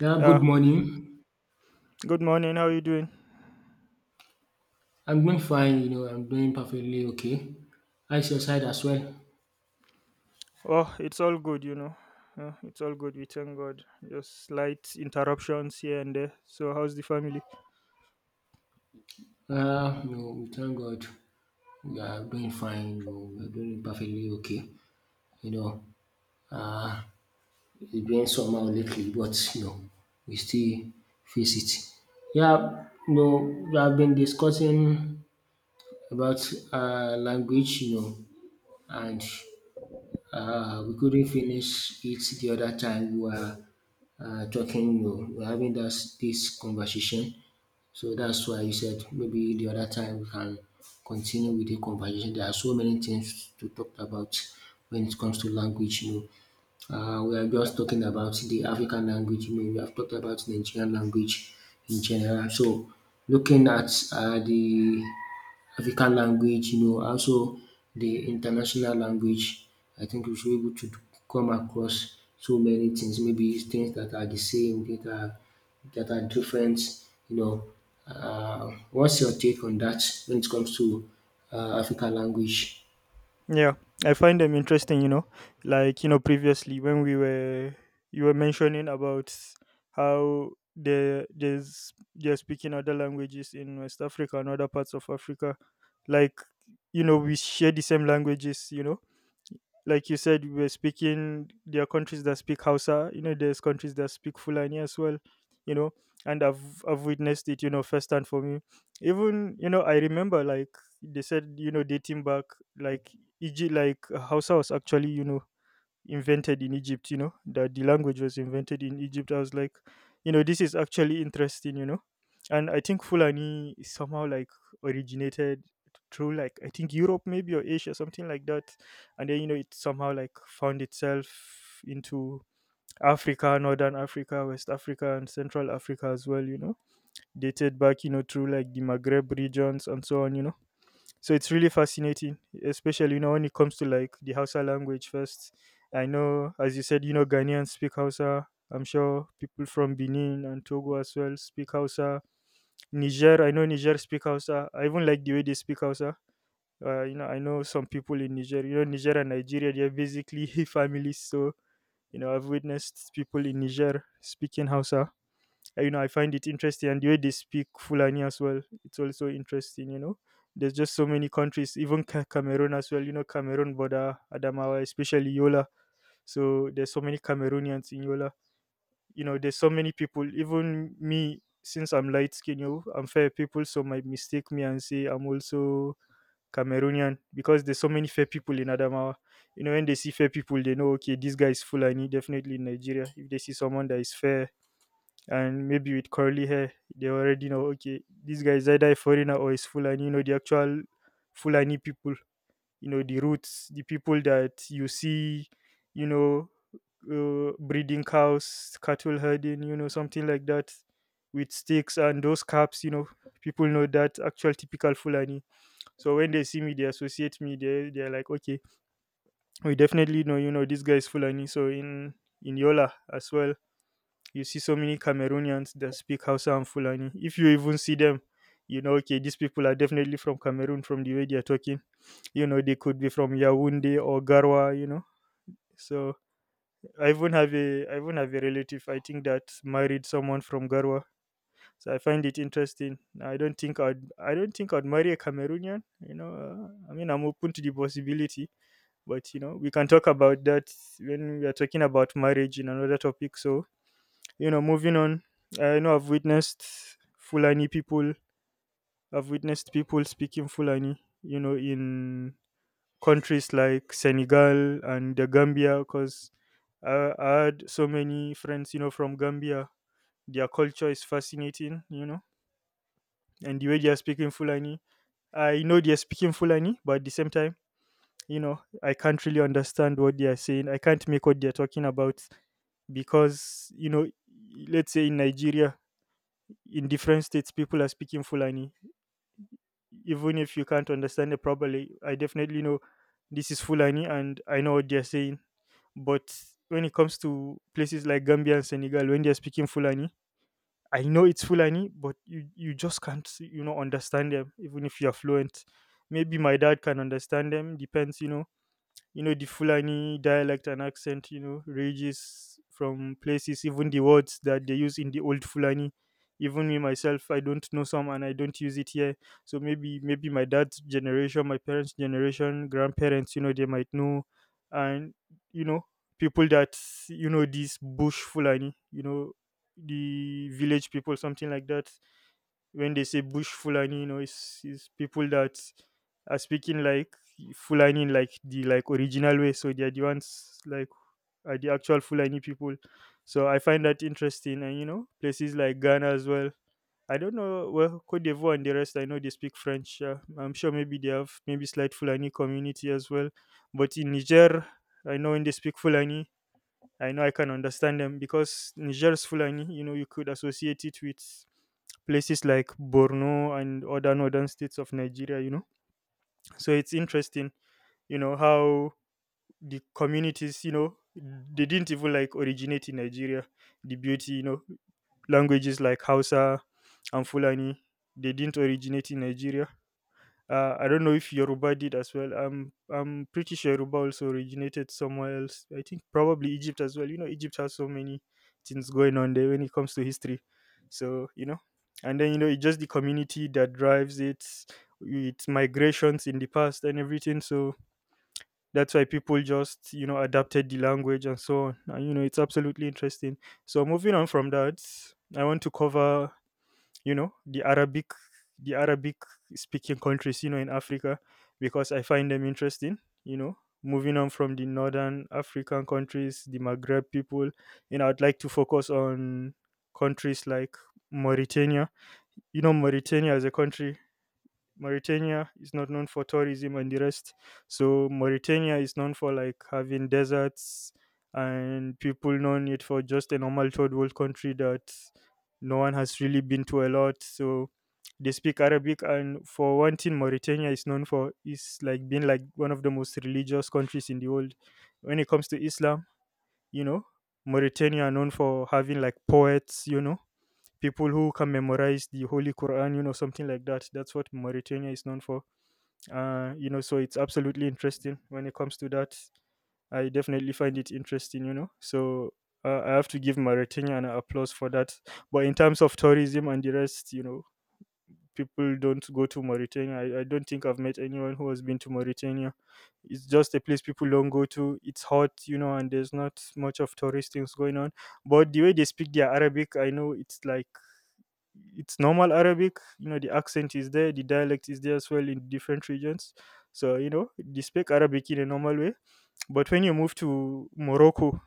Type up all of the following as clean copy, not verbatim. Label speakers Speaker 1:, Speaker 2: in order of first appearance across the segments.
Speaker 1: Yeah, good
Speaker 2: Yeah,
Speaker 1: morning.
Speaker 2: good morning. How you doing?
Speaker 1: I'm doing fine, you know, I'm doing perfectly okay. How's your side as well?
Speaker 2: Oh, it's all good, you know. It's all good. We thank God. Just slight interruptions here and there. So, how's the family?
Speaker 1: You know, we thank God we are doing fine, you know, we're doing perfectly okay. You know, uh, it's been somehow lately, but, you know, we still face it. Yeah, you know, we have been discussing about language, you know, and we couldn't finish it the other time we were talking, you know, we were having this conversation. So that's why you said maybe the other time we can continue with the conversation. There are so many things to talk about when it comes to language, you know. We are just talking about the African language, you know, we have talked about Nigerian language in general. So looking at the African language, you know, also the international language. I think we should be able to come across so many things, maybe things that are the same, that are different, you know. What's your take on that when it comes to African language?
Speaker 2: Yeah, I find them interesting, you know. Like, you know, previously when we were you were mentioning about how they're speaking other languages in West Africa and other parts of Africa. Like, you know, we share the same languages, you know, like you said, we were speaking, there are countries that speak Hausa, you know, there's countries that speak Fulani as well, you know, and I've witnessed it, you know, firsthand for me. Even, you know, I remember like they said, you know, dating back, like, Egypt, like Hausa was actually, you know, invented in Egypt, you know, that the language was invented in Egypt. I was like, you know, this is actually interesting, you know. And I think Fulani is somehow like originated through like I think Europe maybe or Asia, something like that. And then, you know, it somehow like found itself into Africa, Northern Africa, West Africa and Central Africa as well, you know. Dated back, you know, through like the Maghreb regions and so on, you know, so it's really fascinating, especially you know when it comes to like the Hausa language first. I know, as you said, you know, Ghanaians speak Hausa. I'm sure people from Benin and Togo as well speak Hausa. Niger, I know Niger speak Hausa. I even like the way they speak Hausa. You know, I know some people in Niger. You know, Niger and Nigeria, they're basically families. So you know, I've witnessed people in Niger speaking Hausa. You know, I find it interesting, and the way they speak Fulani as well, it's also interesting, you know. There's just so many countries, even Cameroon as well, you know. Cameroon border Adamawa, especially Yola, so there's so many Cameroonians in Yola, you know. There's so many people, even me, since I'm light skinned, you know, I'm fair, people so might mistake me and say I'm also Cameroonian because there's so many fair people in Adamawa. You know, when they see fair people they know, okay, this guy is Fulani definitely. In Nigeria, if they see someone that is fair and maybe with curly hair, they already know, okay, this guy is either a foreigner or is Fulani. You know, the actual Fulani people, you know, the roots, the people that you see, you know, breeding cows, cattle herding, you know, something like that, with sticks and those caps, you know. People know that actual typical Fulani, so when they see me they associate me, they're like, okay, we definitely know, you know, this guy is Fulani. So in Yola as well, you see so many Cameroonians that speak Hausa and Fulani. If you even see them, you know, okay, these people are definitely from Cameroon from the way they are talking. You know, they could be from Yaoundé or Garwa, you know. So I even have a relative I think that married someone from Garwa. So I find it interesting. I don't think I'd marry a Cameroonian. You know, I mean, I'm open to the possibility, but you know we can talk about that when we are talking about marriage in another topic. So you know, moving on, I know I've witnessed Fulani people, I've witnessed people speaking Fulani, you know, in countries like Senegal and the Gambia, because I had so many friends, you know, from Gambia. Their culture is fascinating, you know, and the way they are speaking Fulani. I know they are speaking Fulani, but at the same time, you know, I can't really understand what they are saying. I can't make what they are talking about because, you know, let's say in Nigeria, in different states people are speaking Fulani. Even if you can't understand it properly, I definitely know this is Fulani and I know what they're saying. But when it comes to places like Gambia and Senegal, when they're speaking Fulani, I know it's Fulani, but you just can't, you know, understand them even if you're fluent. Maybe my dad can understand them, depends, you know. You know, the Fulani dialect and accent, you know, ranges from places, even the words that they use in the old Fulani. Even me myself, I don't know some and I don't use it here. So maybe my dad's generation, my parents generation, grandparents, you know, they might know. And you know, people that, you know, this bush Fulani, you know, the village people, something like that. When they say bush Fulani, you know, it's people that are speaking like Fulani in, like, the like original way, so they're the ones like are the actual Fulani people. So I find that interesting. And you know, places like Ghana as well, I don't know well. Cote d'Ivoire and the rest, I know they speak French, yeah. I'm sure maybe they have maybe slight Fulani community as well. But in Niger, I know when they speak Fulani, I know I can understand them because Niger's Fulani, you know, you could associate it with places like Borno and other northern states of Nigeria, you know. So it's interesting, you know, how the communities, you know, they didn't even like originate in Nigeria. The beauty, you know, languages like Hausa and Fulani, they didn't originate in Nigeria. I don't know if Yoruba did as well. I'm pretty sure Yoruba also originated somewhere else. I think probably Egypt as well. You know, Egypt has so many things going on there when it comes to history. So you know, and then you know, it's just the community that drives it, its migrations in the past and everything. So that's why people just you know adapted the language and so on. And you know, it's absolutely interesting. So moving on from that, I want to cover, you know, the Arabic speaking countries, you know, in Africa, because I find them interesting, you know. Moving on from the northern African countries, the Maghreb people, you know, I'd like to focus on countries like Mauritania. You know, Mauritania as a country, Mauritania is not known for tourism and the rest. So Mauritania is known for like having deserts, and people known it for just a normal third world country that no one has really been to a lot. So they speak Arabic, and for one thing Mauritania is known for is like being like one of the most religious countries in the world. When it comes to Islam, you know, Mauritania are known for having like poets, you know, people who can memorize the Holy Quran, you know, something like that. That's what Mauritania is known for. You know, so it's absolutely interesting when it comes to that. I definitely find it interesting, you know. So I have to give Mauritania an applause for that. But in terms of tourism and the rest, you know, people don't go to Mauritania. I don't think I've met anyone who has been to Mauritania. It's just a place people don't go to. It's hot, you know, and there's not much of tourist things going on. But the way they speak their Arabic, I know it's like it's normal Arabic. You know, the accent is there, the dialect is there as well in different regions. So you know, they speak Arabic in a normal way. But when you move to Morocco,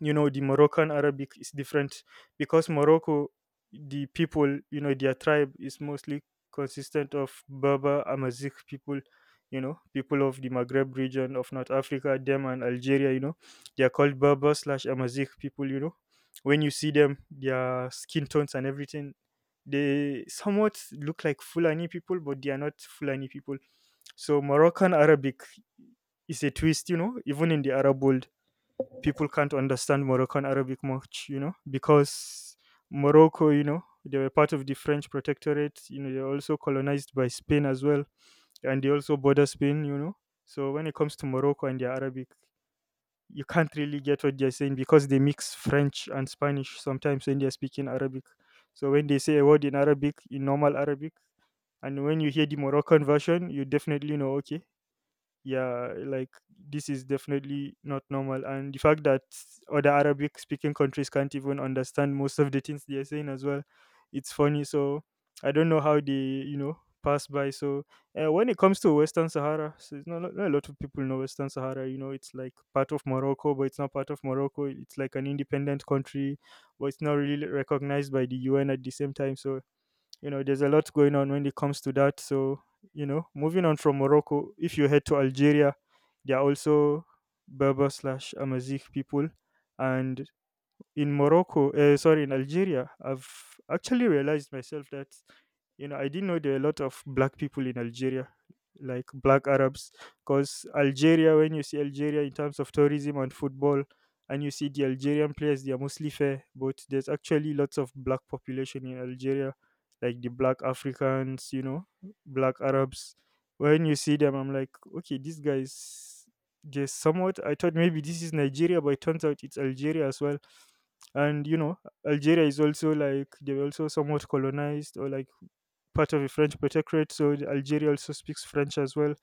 Speaker 2: you know the Moroccan Arabic is different because Morocco, the people, you know, their tribe is mostly consistent of Berber Amazigh people, you know, people of the Maghreb region of North Africa, them and Algeria, you know, they are called Berber slash Amazigh people, you know. When you see them, their skin tones and everything, they somewhat look like Fulani people but they are not Fulani people. So Moroccan Arabic is a twist, you know, even in the Arab world, people can't understand Moroccan Arabic much, you know, because Morocco, you know, they were part of the French protectorate. You know, they're also colonized by Spain as well, and they also border Spain, you know. So when it comes to Morocco and their Arabic, you can't really get what they're saying because they mix French and Spanish sometimes when they're speaking Arabic. So when they say a word in Arabic, in normal Arabic, and when you hear the Moroccan version, you definitely know, okay, yeah like this is definitely not normal, and the fact that other Arabic speaking countries can't even understand most of the things they're saying as well, it's funny. So I don't know how they, you know pass by. So when it comes to Western Sahara, so it's not, not a lot of people know Western Sahara. You know, it's like part of Morocco, but it's not part of Morocco, it's like an independent country, but it's not really recognized by the UN at the same time. So you know, there's a lot going on when it comes to that. So you know, moving on from Morocco, if you head to Algeria, they are also Berber slash Amazigh people. And in Morocco, sorry, in Algeria, I've actually realized myself that, you know, I didn't know there were a lot of black people in Algeria, like black Arabs, because Algeria, when you see Algeria in terms of tourism and football, and you see the Algerian players, they are mostly fair, but there's actually lots of black population in Algeria, like the black Africans, you know, black Arabs. When you see them, I'm like, okay, these guys, they're somewhat. I thought maybe this is Nigeria, but it turns out it's Algeria as well. And you know, Algeria is also like they were also somewhat colonized or like part of a French protectorate, so Algeria also speaks French as well.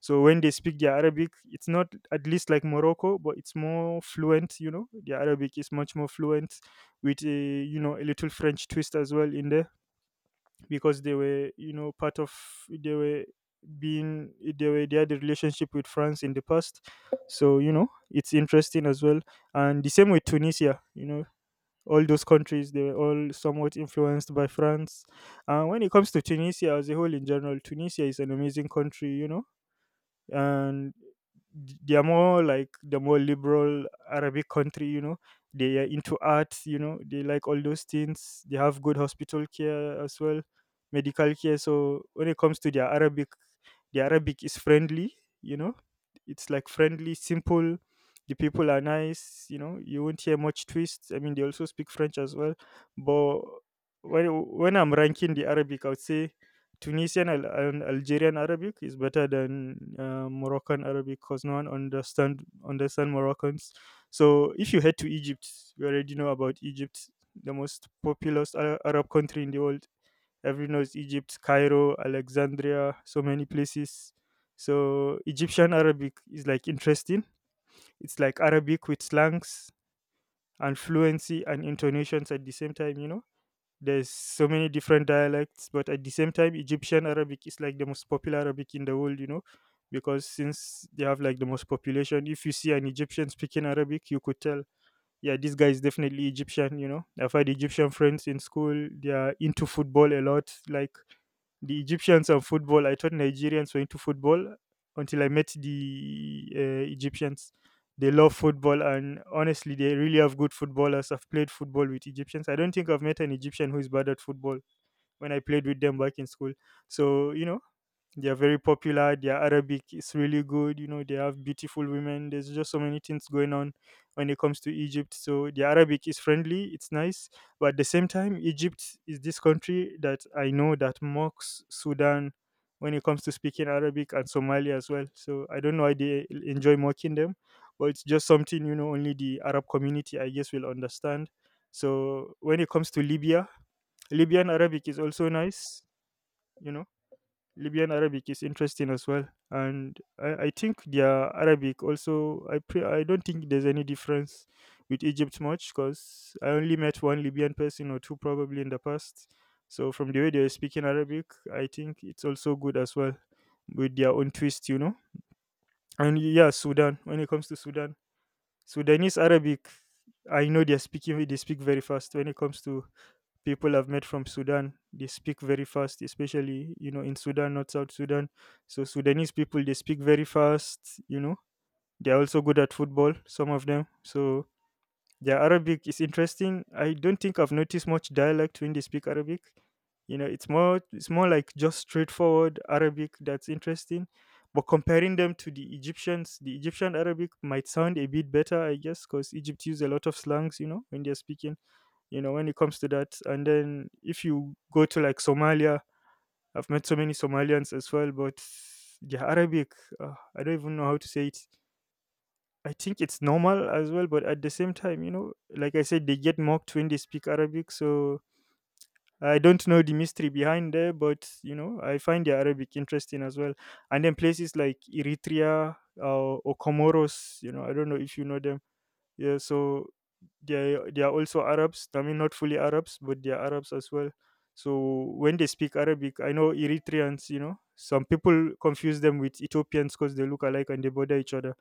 Speaker 2: So when they speak their Arabic, it's not at least like Morocco, but it's more fluent. You know, the Arabic is much more fluent with a, you know, a little French twist as well in there, because they were, you know, part of, they were being they were they had a relationship with France in the past. So you know, it's interesting as well. And the same with Tunisia, you know, all those countries, they were all somewhat influenced by France. And when it comes to Tunisia as a whole, in general Tunisia is an amazing country, you know. And they're more like the more liberal Arabic country, you know. They are into arts, you know. They like all those things. They have good hospital care as well, medical care. So when it comes to their Arabic, the Arabic is friendly, you know. It's like friendly, simple. The people are nice, you know. You won't hear much twists. I mean, they also speak French as well, but when I'm ranking the Arabic, I would say and Algerian Arabic is better than Moroccan Arabic, because no one understand Moroccans. So if you head to Egypt, you already know about Egypt, the most populous Arab country in the world. Everyone knows Egypt, Cairo, Alexandria, so many places. So Egyptian Arabic is like interesting. It's like Arabic with slangs and fluency and intonations at the same time. You know, there's so many different dialects, but at the same time, Egyptian Arabic is like the most popular Arabic in the world, you know, because since they have like the most population, if you see an Egyptian speaking Arabic, you could tell yeah, this guy is definitely Egyptian, you know. I've had Egyptian friends in school, they are into football a lot. Like the Egyptians and football, I thought Nigerians were into football until I met the Egyptians. They love football, and honestly, they really have good footballers. I've played football with Egyptians. I don't think I've met an Egyptian who is bad at football when I played with them back in school. So, you know, they are very popular. Their Arabic is really good. You know, they have beautiful women. There's just so many things going on when it comes to Egypt. So the Arabic is friendly. It's nice, but at the same time, Egypt is this country that I know that mocks Sudan when it comes to speaking Arabic, and Somalia as well. So I don't know why they enjoy mocking them, but it's just something, you know, only the Arab community I guess will understand. So when it comes to Libya, Libyan Arabic is also nice. You know, Libyan Arabic is interesting as well, and I think their Arabic also. I don't think there's any difference with Egypt much because I only met one Libyan person or two probably in the past. So from the way they're speaking Arabic, I think it's also good as well with their own twist, you know. And yeah, Sudan. When it comes to Sudan, Sudanese Arabic, I know they're speaking. They speak very fast when it comes to people I've met from Sudan. They speak very fast, especially you know in Sudan, not South Sudan. So Sudanese people they speak very fast. You know they're also good at football. Some of them. So their Arabic is interesting. I don't think I've noticed much dialect when they speak Arabic. You know it's more like just straightforward Arabic, that's interesting. But comparing them to the Egyptians, the Egyptian Arabic might sound a bit better, I guess, because Egypt use a lot of slangs, you know, when they're speaking, you know, when it comes to that. And then if you go to like Somalia, I've met so many Somalians as well, but the Arabic, I don't even know how to say it. I think it's normal as well, but at the same time you know like I said they get mocked when they speak Arabic, so I don't know the mystery behind there, but you know I find the Arabic interesting as well. And then places like Eritrea, or Comoros, you know I don't know if you know them. Yeah, so they are also Arabs. I mean, not fully Arabs, but they are Arabs as well. So when they speak Arabic, I know Eritreans. You know, some people confuse them with Ethiopians because they look alike and they border each other.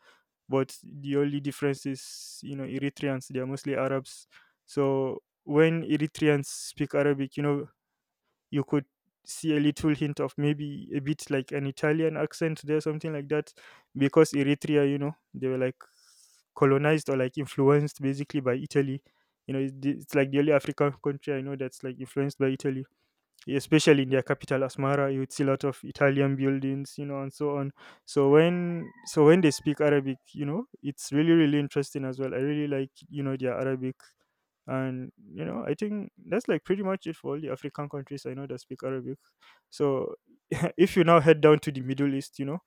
Speaker 2: But the only difference is, you know, Eritreans they are mostly Arabs. So when Eritreans speak Arabic, you know, you could see a little hint of maybe a bit like an Italian accent there, something like that, because Eritrea, you know, they were like colonized or like influenced basically by Italy. You know, it's like the only African country I know that's like influenced by Italy, especially in their capital Asmara you would see a lot of Italian buildings, you know, and so on. So when they speak Arabic, you know, it's really really interesting as well. I really like, you know, their Arabic. And you know I think that's like pretty much it for all the African countries I know that speak Arabic. So if you now head down to the Middle East, you know,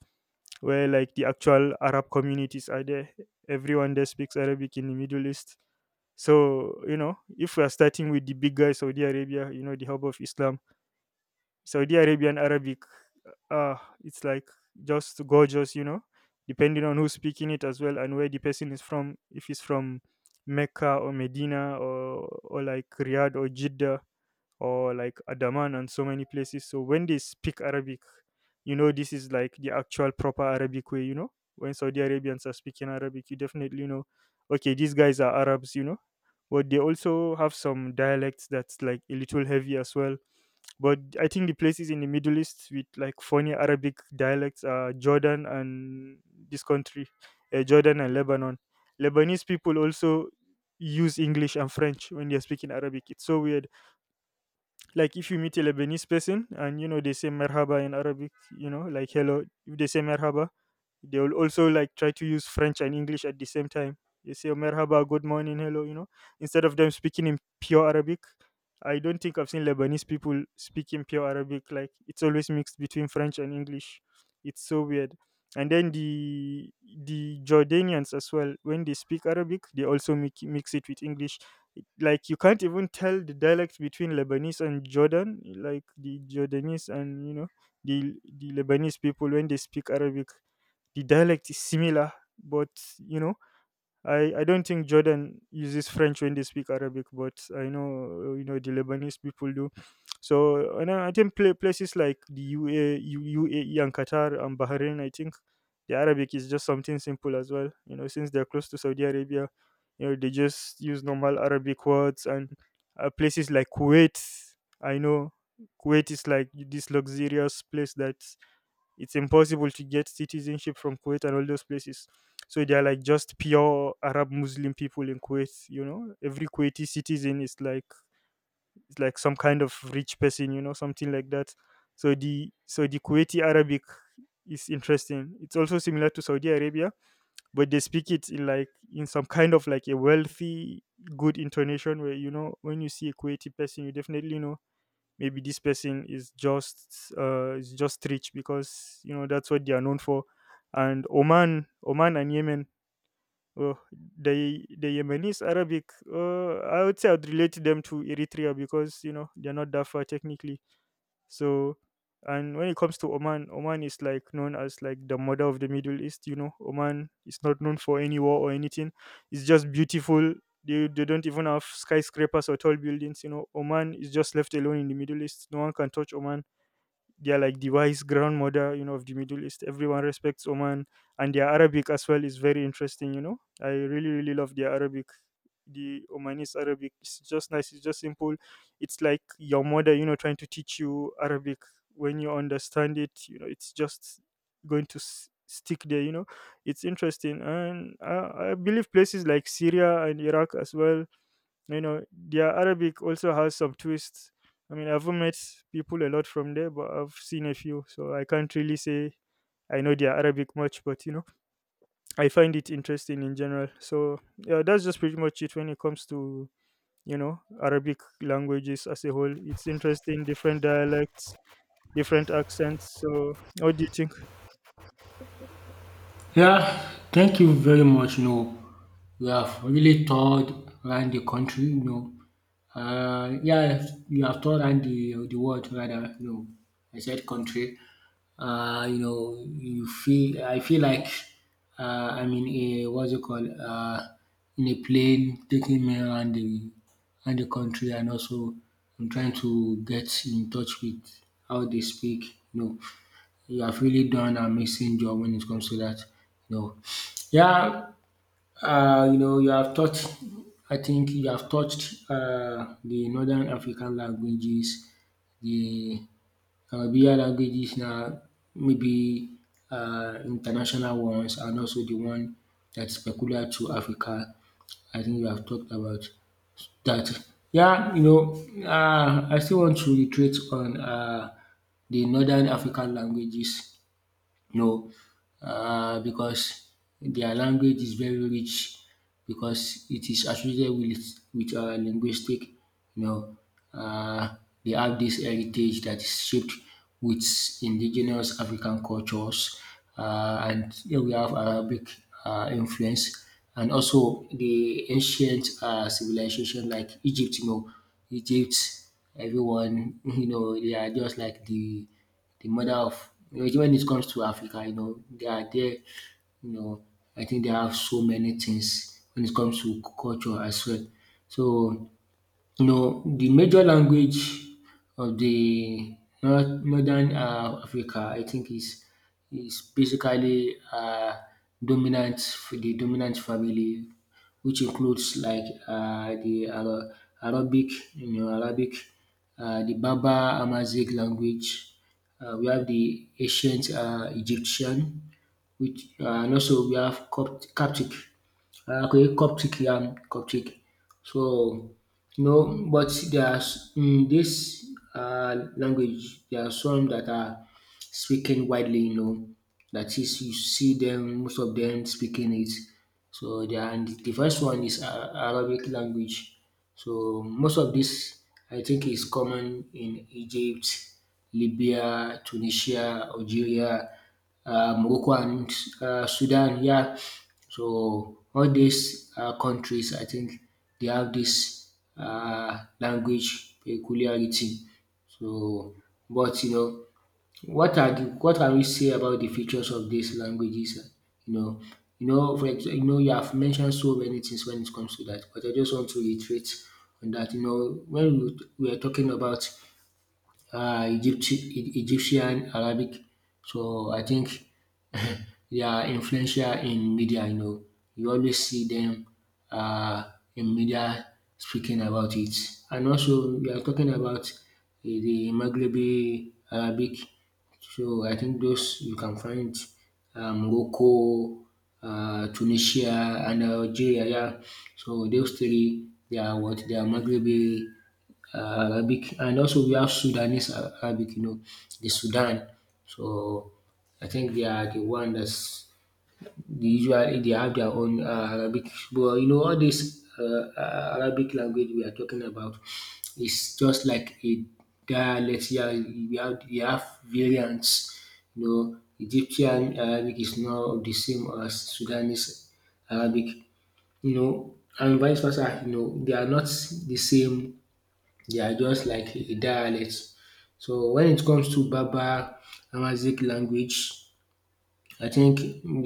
Speaker 2: where like the actual Arab communities are there, everyone there speaks Arabic in the Middle East. So you know if we are starting with the big guy Saudi Arabia, you know, the hub of Islam, Saudi Arabian Arabic, uh, uh, it's like just gorgeous, you know, depending on who's speaking it as well and where the person is from. If he's from Mecca or Medina, or like Riyadh or Jeddah or like Adaman and so many places. So when they speak Arabic, you know, this is like the actual proper Arabic way, you know. When Saudi Arabians are speaking Arabic, you definitely know, okay, these guys are Arabs, you know. But they also have some dialects that's like a little heavy as well, but I think the places in the Middle East with like funny Arabic dialects are Jordan and this country, Jordan and Lebanon. Lebanese people also use English and French when they're speaking Arabic. It's so weird, like if you meet a Lebanese person and you know they say merhaba in Arabic, you know, like hello, if they say merhaba, they will also like try to use French and English at the same time. They say "Oh, merhaba, good morning, hello," you know, instead of them speaking in pure Arabic. I don't think I've seen Lebanese people speaking pure Arabic. Like it's always mixed between French and English. It's so weird. And then the Jordanians as well, when they speak Arabic, they also mix it with English, like you can't even tell the dialect between Lebanese and Jordan, like the Jordanese and you know the Lebanese people when they speak Arabic, the dialect is similar, but you know I don't think Jordan uses French when they speak Arabic, but I know you know the Lebanese people do. So and I think places like the UA, UAE and Qatar and Bahrain, I think the Arabic is just something simple as well. You know, since they're close to Saudi Arabia, you know they just use normal Arabic words. And places like Kuwait. I know Kuwait is like this luxurious place, that it's impossible to get citizenship from Kuwait and all those places. So they are like just pure Arab Muslim people in Kuwait. You know, every Kuwaiti citizen is like some kind of rich person. You know, something like that. So the Kuwaiti Arabic is interesting. It's also similar to Saudi Arabia, but they speak it in like in some kind of like a wealthy, good intonation where you know when you see a Kuwaiti person, you definitely know maybe this person is just rich because you know that's what they are known for. And Oman, Oman and Yemen, oh, the Yemenis Arabic, I would say I'd relate them to Eritrea because you know they're not that far technically. So, and when it comes to Oman, Oman is like known as like the mother of the Middle East. You know, Oman is not known for any war or anything. It's just beautiful. They don't even have skyscrapers or tall buildings. You know, Oman is just left alone in the Middle East. No one can touch Oman. They're like the wise grandmother, you know, of the Middle East. Everyone respects Oman, and their Arabic as well is very interesting. You know, I really really love their Arabic. The Omanis Arabic, it's just nice, it's just simple. It's like your mother, you know, trying to teach you Arabic. When you understand it, you know, it's just going to stick there, you know. It's interesting. And I believe places like Syria and Iraq as well, you know, their Arabic also has some twists. I mean, I've met people a lot from there, but I've seen a few, so I can't really say I know their Arabic much, but you know, I find it interesting in general. So yeah, that's just pretty much it when it comes to, you know, Arabic languages as a whole. It's interesting, different dialects, different accents. So what do you think?
Speaker 1: Yeah, thank you very much. You know, we have really toured around the country. You know, yeah, you have toured around the world rather. You know, I said country. You know, you feel. I feel like I mean, a, what's it called? In a plane, taking me around the country, and also I'm trying to get in touch with how they speak. You know, you have really done an amazing job when it comes to that. You know, yeah, you know, you have taught. I think you have touched the Northern African languages, the where languages now maybe international ones and also the one that's peculiar to Africa. I think you have talked about that. Yeah, you know, I still want to reiterate on the Northern African languages. No, because their language is very rich because it is associated with linguistic. You know, uh, they have this heritage that is shaped with indigenous African cultures, and here we have Arabic influence, and also the ancient civilization like Egypt. You know, Egypt, everyone, you know, they are just like the mother of you know, when it comes to Africa, you know, they are there, you know, I think they have so many things when it comes to culture as well. So you know, the major language of the Northern Africa I think is basically dominant for the dominant family which includes like the Arabic, you know, Arabic, the Berber Amharic language, we have the ancient Egyptian which and also we have Coptic. Okay, Coptic, Coptic. So, you know, but there's in this language, there are some that are speaking widely, you know, that is, you see them, most of them speaking it. So, they are, and the first one is Arabic language. So, most of this, I think, is common in Egypt, Libya, Tunisia, Algeria, Morocco, and Sudan. Yeah. So all these countries, I think they have this language peculiarity. So, but you know what are the what can we say about the features of these languages? You know, you know for exa you know you have mentioned so many things when it comes to that, but I just want to reiterate on that. You know when we are talking about Egypt, Egyptian Arabic. So I think they are influential in media. You know, you always see them in media speaking about it. And also, we are talking about the Maghrebi Arabic. So I think those you can find Morocco, Tunisia, and Algeria. Yeah. So those three, they are what they are Maghrebi Arabic, and also we have Sudanese Arabic, you know, the Sudan. So I think they are the one that's they usually they have their own Arabic. But you know, all this Arabic language we are talking about is just like a dialect. Yeah, we have variants. You know, Egyptian Arabic is not the same as Sudanese Arabic. You know, and vice versa. You know, they are not the same, they are just like dialects. So when it comes to Berber Amharic language, I think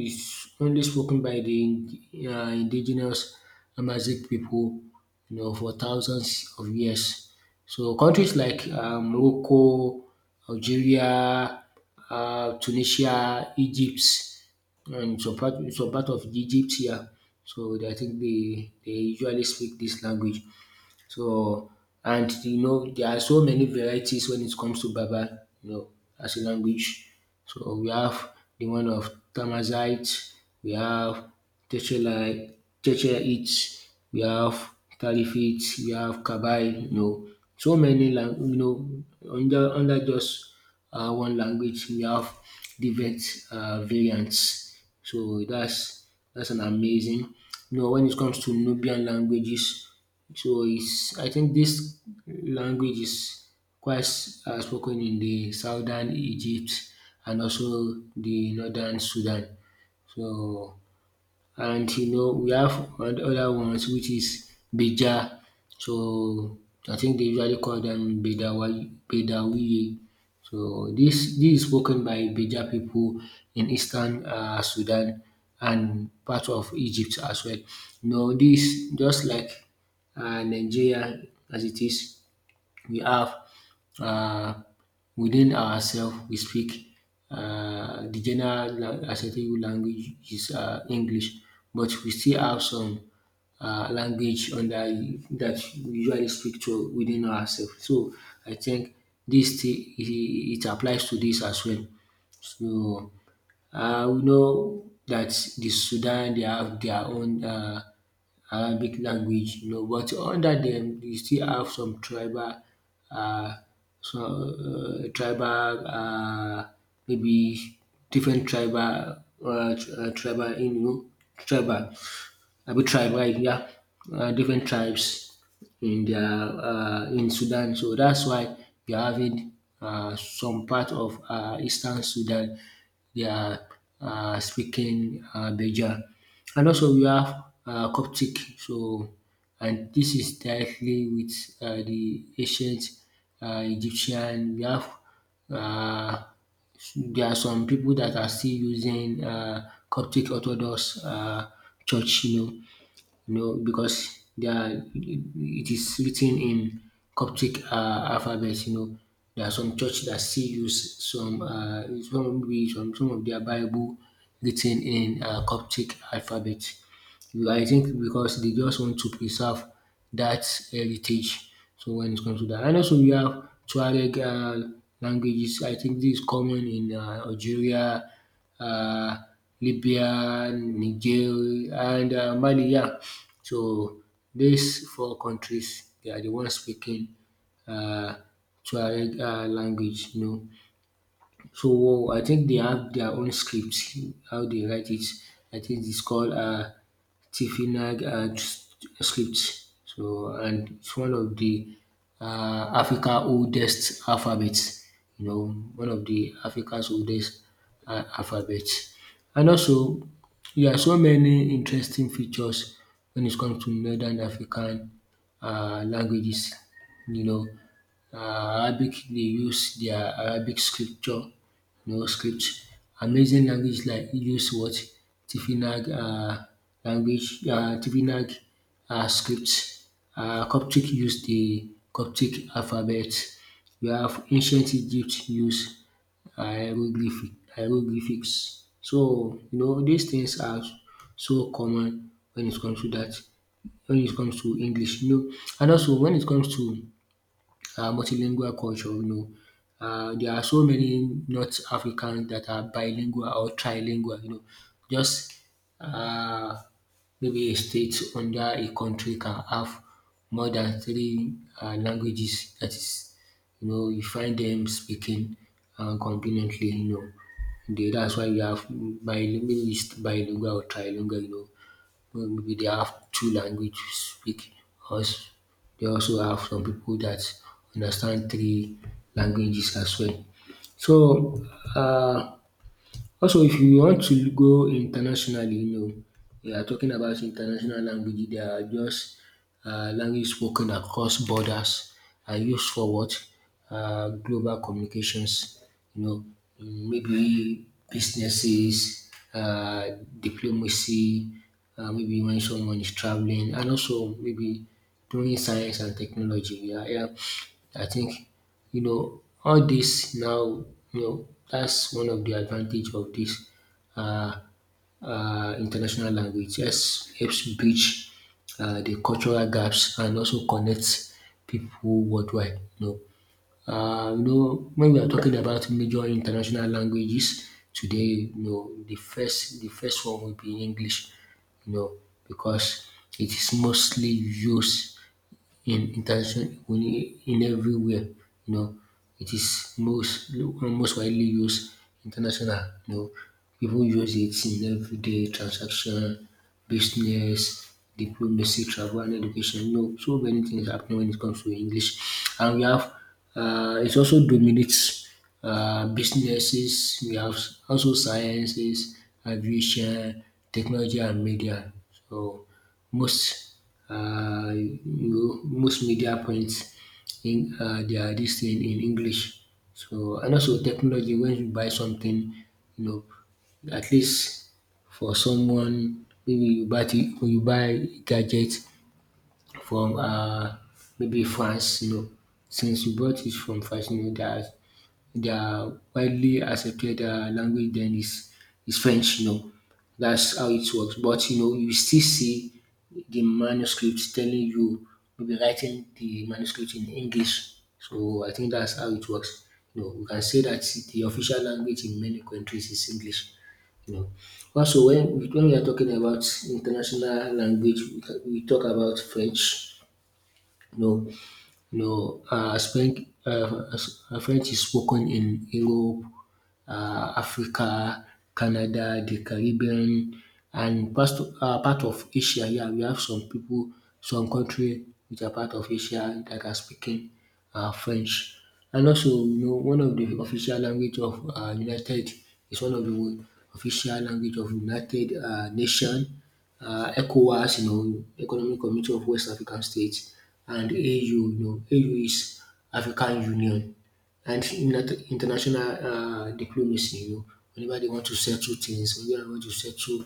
Speaker 1: it's only spoken by the indigenous Amharic people, you know, for thousands of years. So countries like Morocco, Algeria, Tunisia, Egypt and some part of Egypt here. So I think they usually speak this language. So and you know there are so many varieties when it comes to Baba, you know, as a language. So we have the one of Tamazight, we have Tetralite, Tetraites, we have Talifites, we have Kabai, you know, so many you know under just one language we have different variants. So that's an amazing. You know, when it comes to Nubian languages, so it's, I think this language is quite spoken in the southern Egypt and also the northern Sudan. So and you know we have other ones which is Beja. So I think they usually call them Bedawa Bedawiye. So this is spoken by Beja people in eastern Sudan and part of Egypt as well. You know this just like Nigeria as it is, we have um within ourselves. We speak de general acceptable language is English, but we still have some language under that that we usually speak to within ourselves. So I think this thing it applies to this as well. So we know that the Sudan they have their own Arabic language, you know, but under them they still have some tribal uh, tribal maybe different tribal tribal in you tribal abi tribe, yeah, different tribes in their in Sudan. So that's why you are having some part of Eastern Sudan they are speaking Beja. And also we have Coptic. So, and this is directly with the ancient Egyptian. We have uh, there are some people that are still using Coptic Orthodox church, you know. You know because they are, it is written in Coptic alphabet. You know, there are some church that still use some of their Bible written in Coptic alphabet. I think because they just want to preserve that heritage. So when it comes to that, and also we have Tuareg languages. I think this is common in Algeria, uh, Libya, Niger, and Mali. Yeah. So these four countries, they are the ones speaking uh, Tuareg language. You know, so I think they have their own scripts, how they write it. I think it's called Tifinag script. So and it's one of the Africa oldest alphabets. You know, one of the Africa's oldest alphabets. And also, there are so many interesting features when it comes to Northern African languages. You know, uh, Arabic, they use their Arabic scripture, no script. Amazing language like use what? Tifinagh language, Tifinagh script. Coptic use the Coptic alphabet. We have ancient Egypt use hieroglyphics. So, you know, these things are so common when it comes to that, when it comes to English, you know. And also, when it comes to multilingual culture, you know. There are so many North Africans that are bilingual or trilingual, you know. Just uh, maybe a state under a country can have more than three languages. That is, you know, you find them speaking conveniently, you know. They, that's why you have bilingual or trilingual, you know, maybe they have two language speak us, they also have some people that understand three languages as well. So uh. Also, if you want to go internationally, you know we are talking about international language, they are just language spoken across borders and used for what, global communications, you know, maybe businesses, diplomacy, maybe when someone is travelling and also maybe doing science and technology. Yeah, I think you know, all this now, you know, that's one of the advantage of this uh, international language. Yes, helps bridge the cultural gaps and also connects people worldwide. You know, when we are talking about major international languages today, you know, the first one will be English. You know, because it is mostly used in interaction we need in everywhere. You know, it is most widely used international. You know, people use it in everyday transaction, business, diplomacy, travel, and education. You know, so many things happen when it comes to English, and we have it also dominates businesses. We have also sciences, aviation, technology, and media. So most most media points in they are this thing in English. So and also technology when you buy something, you know, at least for someone maybe when you buy gadget from maybe France, you know, since you bought it from France, you know that their widely accepted language then is French, you know. That's how it works. But you know, you still see the manuscripts telling you maybe writing the manuscript in English. So I think that's how it works. You know, we can say that the official language in many countries is English. You know, also when we are talking about international language, we talk about French. You know, French, French is spoken in Europe, Africa, Canada, the Caribbean and part of Asia. Yeah, we have some people, some country which are part of Asia that are speaking French. And also, you know, one of the official language of United is one of the official language of United Nation, ECOWAS, you know, Economic Community of West African States, and AU, you know, AU is African Union and not international diplomacy. You know, whenever they want to settle things, whenever they want to settle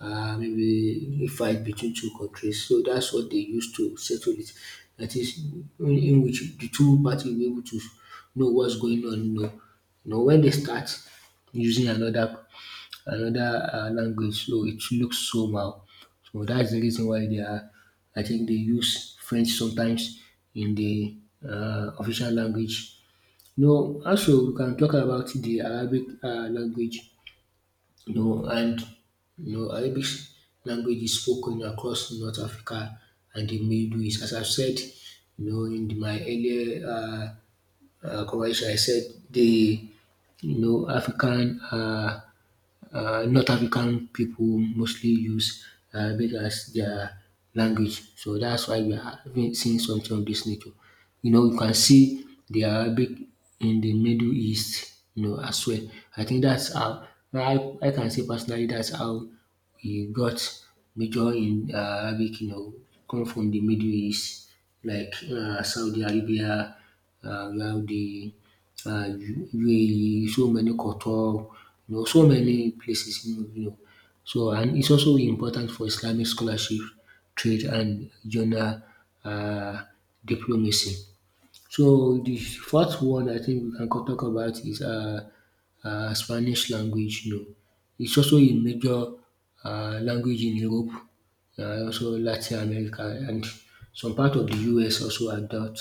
Speaker 1: maybe a fight between two countries, so that's what they use to settle it. That is, in which the two parties will be able to know what's going on. You know when they start using another language, so it looks somehow. So that's the reason why they are. I think they use French sometimes in the official language no, also we can talk about the Arabic language, no, and no Arabic language is spoken across North Africa and the Middle East. As I've said, you know, in my earlier conversation, I said the you know African. North African people mostly use Arabic as their language, so that's why we are having seeing something of this nature. You know, you can see the Arabic in the Middle East, you know, as well. I think that's how I can say personally that's how we got major in Arabic, you know, come from the Middle East, like Saudi Arabia, we have the UAE, so many Qatar, you know, so many places, you know. So, and it's also important for Islamic scholarship, trade, and regional uh, diplomacy. So the fourth one I think we can go talk about is Spanish language you know. It's also a major language in Europe and also Latin America and some part of the US also adopt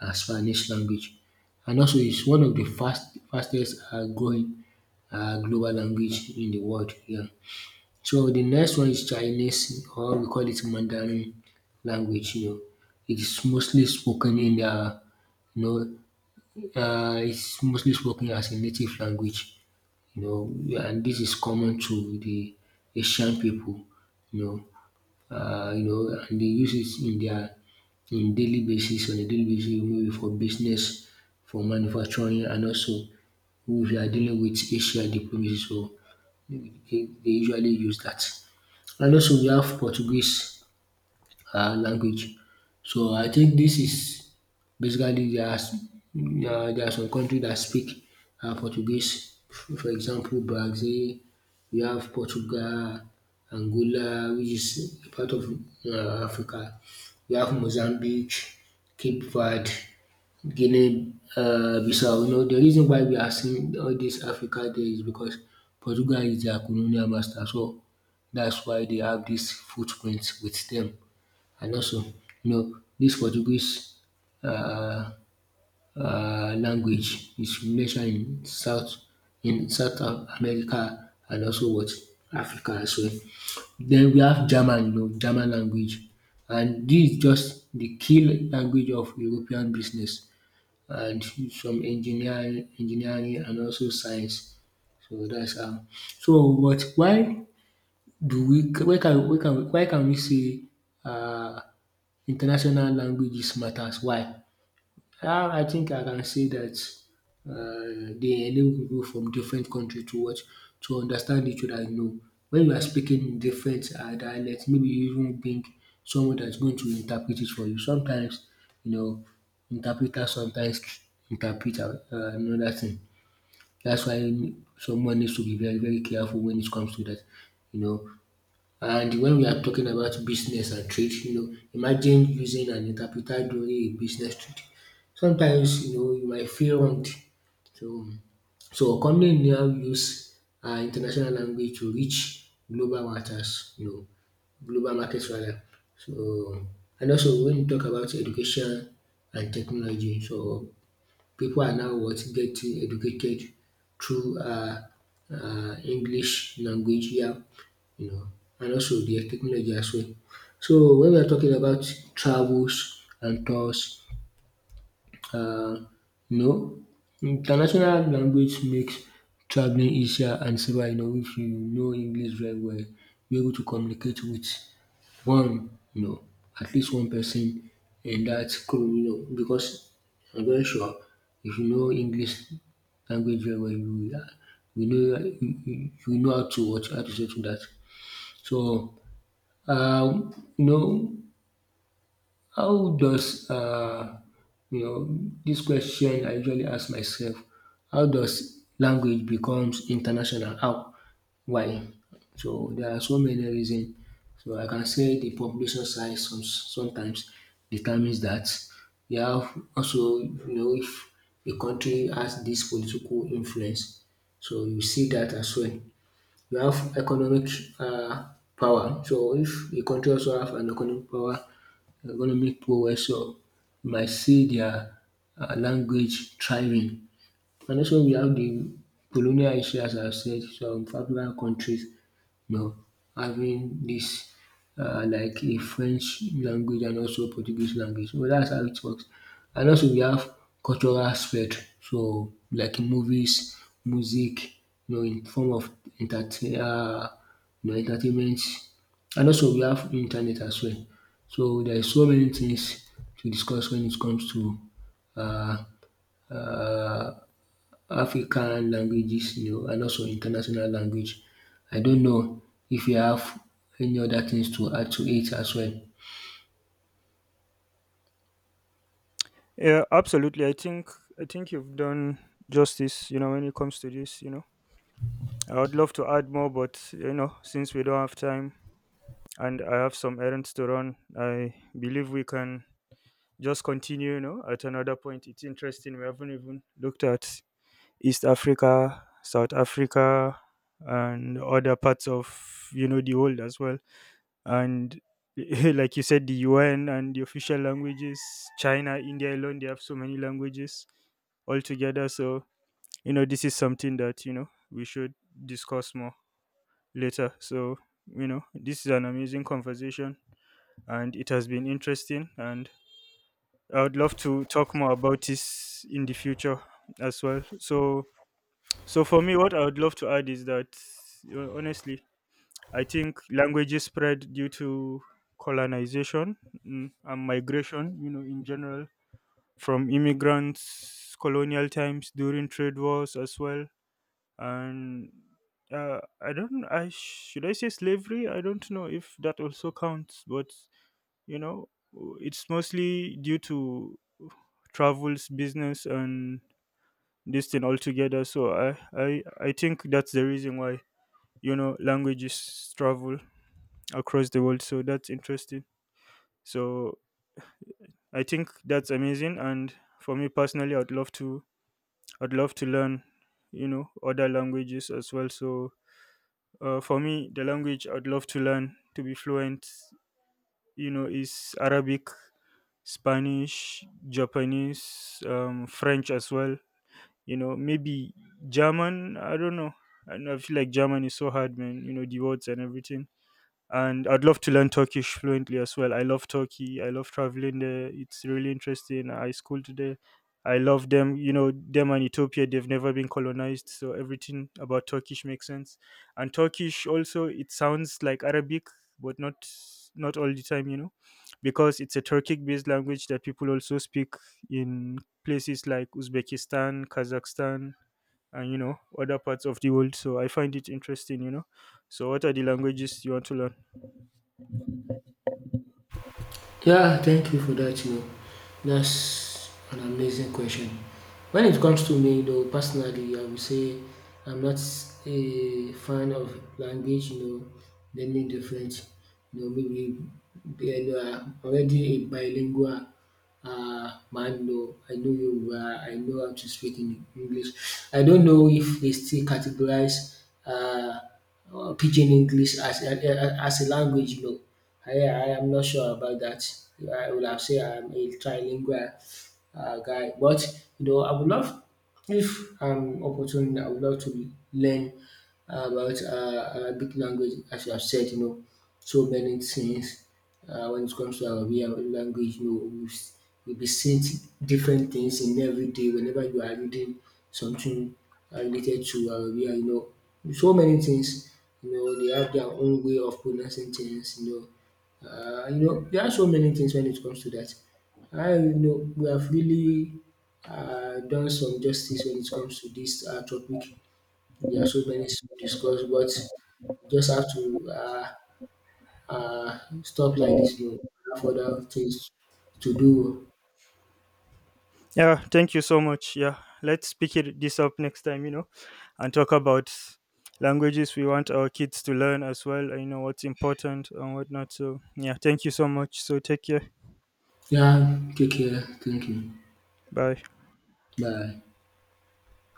Speaker 1: Spanish language and also it's one of the fastest growing global language in the world yeah. So the next one is Chinese or we call it Mandarin language you know. It is mostly spoken in the you know, is mostly spoken as a native language, you know, and this is common to the Asian people, you know, you know, and they use it in their in daily basis on a daily basis, maybe for business, for manufacturing, and also if you are dealing with Asia diplomacy, so they, they usually use that. And also we have Portuguese language. So I think this is basically um there are some countries that speak Portuguese for example Brazil, we have Portugal, Angola which is a part of Africa, we have Mozambique, Cape Verde, Guinea Bissau. You know the reason why we are seeing all dis Africa there is because Portugal is their colonial master so that's why they have dis footprint with them and also you know this Portuguese um language is mentioned in South America and also what Africa as well. Then we have German you know German language and this is just the key language of European business and some engineering and also science. So that's how. So but why do we why can why can why can we say um international languages matters. Why? How I think I can say that dey enable people from different country to watch, to understand each other. You know, when you are speaking in different dialect, maybe you even bring someone dat is going to interpret it for you. Sometimes you know, interpreter sometimes interpret another thing. That's why someone needs to be very careful when it comes to that. You know, and when we are talking about business and trade, you know, imagine using an interpreter during a business trip. Sometimes, you know, you might feel wronged. So, so company now use international language to reach global markets, you know, global markets rather. So, and also when you talk about education and technology, so people are now what getting educated through English language yeah you know and also the technology as well. So when we are talking about travels and tours um you know international language makes travelling easier and safer you know if you know English very well you are able to communicate with one, no, at least one person in that crew. You know because I'm very sure if you know English language very well, you will you know you know how to settle that. So you know how does you know this question I usually ask myself, how does language becomes international? How? Why? So there are so many reasons. So I can say the population size sometimes determines that. You have also, you know, if a country has this political influence, so you see that as well. You have economic uh, power. So if a country also have an economic power, so you might see their language thriving and also we have the colonial history as I have said, some African countries you know having this like a French language and also Portuguese language. So that's how it works. And also we have cultural aspect so like movies, music you know in form of entertain you know entertainment and also we have internet as well. So there is so many things to discuss when it comes to African languages you know and also international language. I don't know if you have any other things to add to it as well.
Speaker 2: Yeah, absolutely. I think, I think you've done justice, you know, when it comes to this. You know, I would love to add more, but you know, since we don't have time and I have some errands to run, I believe we can just continue, you know, at another point. It's interesting. We haven't even looked at East Africa, South Africa, and other parts of, you know, the world as well. And like you said, the UN and the official languages, China, India alone, they have so many languages altogether. So, you know, this is something that, you know, we should discuss more later. So, you know, this is an amazing conversation and it has been interesting, and I would love to talk more about this in the future as well. So, so for me, what I would love to add is that honestly, I think languages spread due to colonization, mm, and migration, you know, in general, from immigrants, colonial times, during trade wars as well. And I don't, I should I say slavery, I don't know if that also counts, but you know, it's mostly due to travels, business, and this thing altogether. So I think that's the reason why, you know, languages travel across the world. So that's interesting. So I think that's amazing. And for me personally, I'd love to learn, you know, other languages as well. So for me, the language I'd love to learn to be fluent, you know, is Arabic, Spanish, Japanese, French as well, you know, maybe German, I don't know. I don't know, I feel like German is so hard, man, you know, the words and everything. And I'd love to learn Turkish fluently as well. I love Turkey. I love traveling there. It's really interesting. I schooled there. I love them. You know, them and Ethiopia, they've never been colonized, so everything about Turkish makes sense. And Turkish also, it sounds like Arabic, but not, not all the time, you know, because it's a Turkic-based language that people also speak in places like Uzbekistan, Kazakhstan, and you know, other parts of the world. So I find it interesting, you know. So, what are the languages you want to learn?
Speaker 1: Yeah, thank you for that. You know, that's an amazing question. When it comes to me, though, personally, I would say I'm not a fan of language. You know, learning different. You know, maybe you know, I'm already a bilingual man. You know, I know Yoruba. I know how to speak in English. I don't know if they still categorize. Pidgin English as a language, you know. I am not sure about that. I would have said I'm a trilingual guy, but you know, I would love if I'm opportune. I would love to learn about Arabic language, as you have said. You know, so many things when it comes to our way of language, you know, you'll be seeing t- different things in every day whenever you are reading something related to our way, you know, so many things, you know, they have their own way of pronouncing things, you know, there are so many things when it comes to that. I you know we have really done some justice when it comes to this topic. There are so many to discuss, but just have to stuff like this no, have other things to do.
Speaker 2: Yeah, thank you so much. Yeah, let's pick it, this up next time, you know, and talk about languages we want our kids to learn as well, and, you know, what's important and whatnot. So, yeah, thank you so much. So, take care.
Speaker 1: Yeah, take care. Thank you.
Speaker 2: Bye.
Speaker 1: Bye.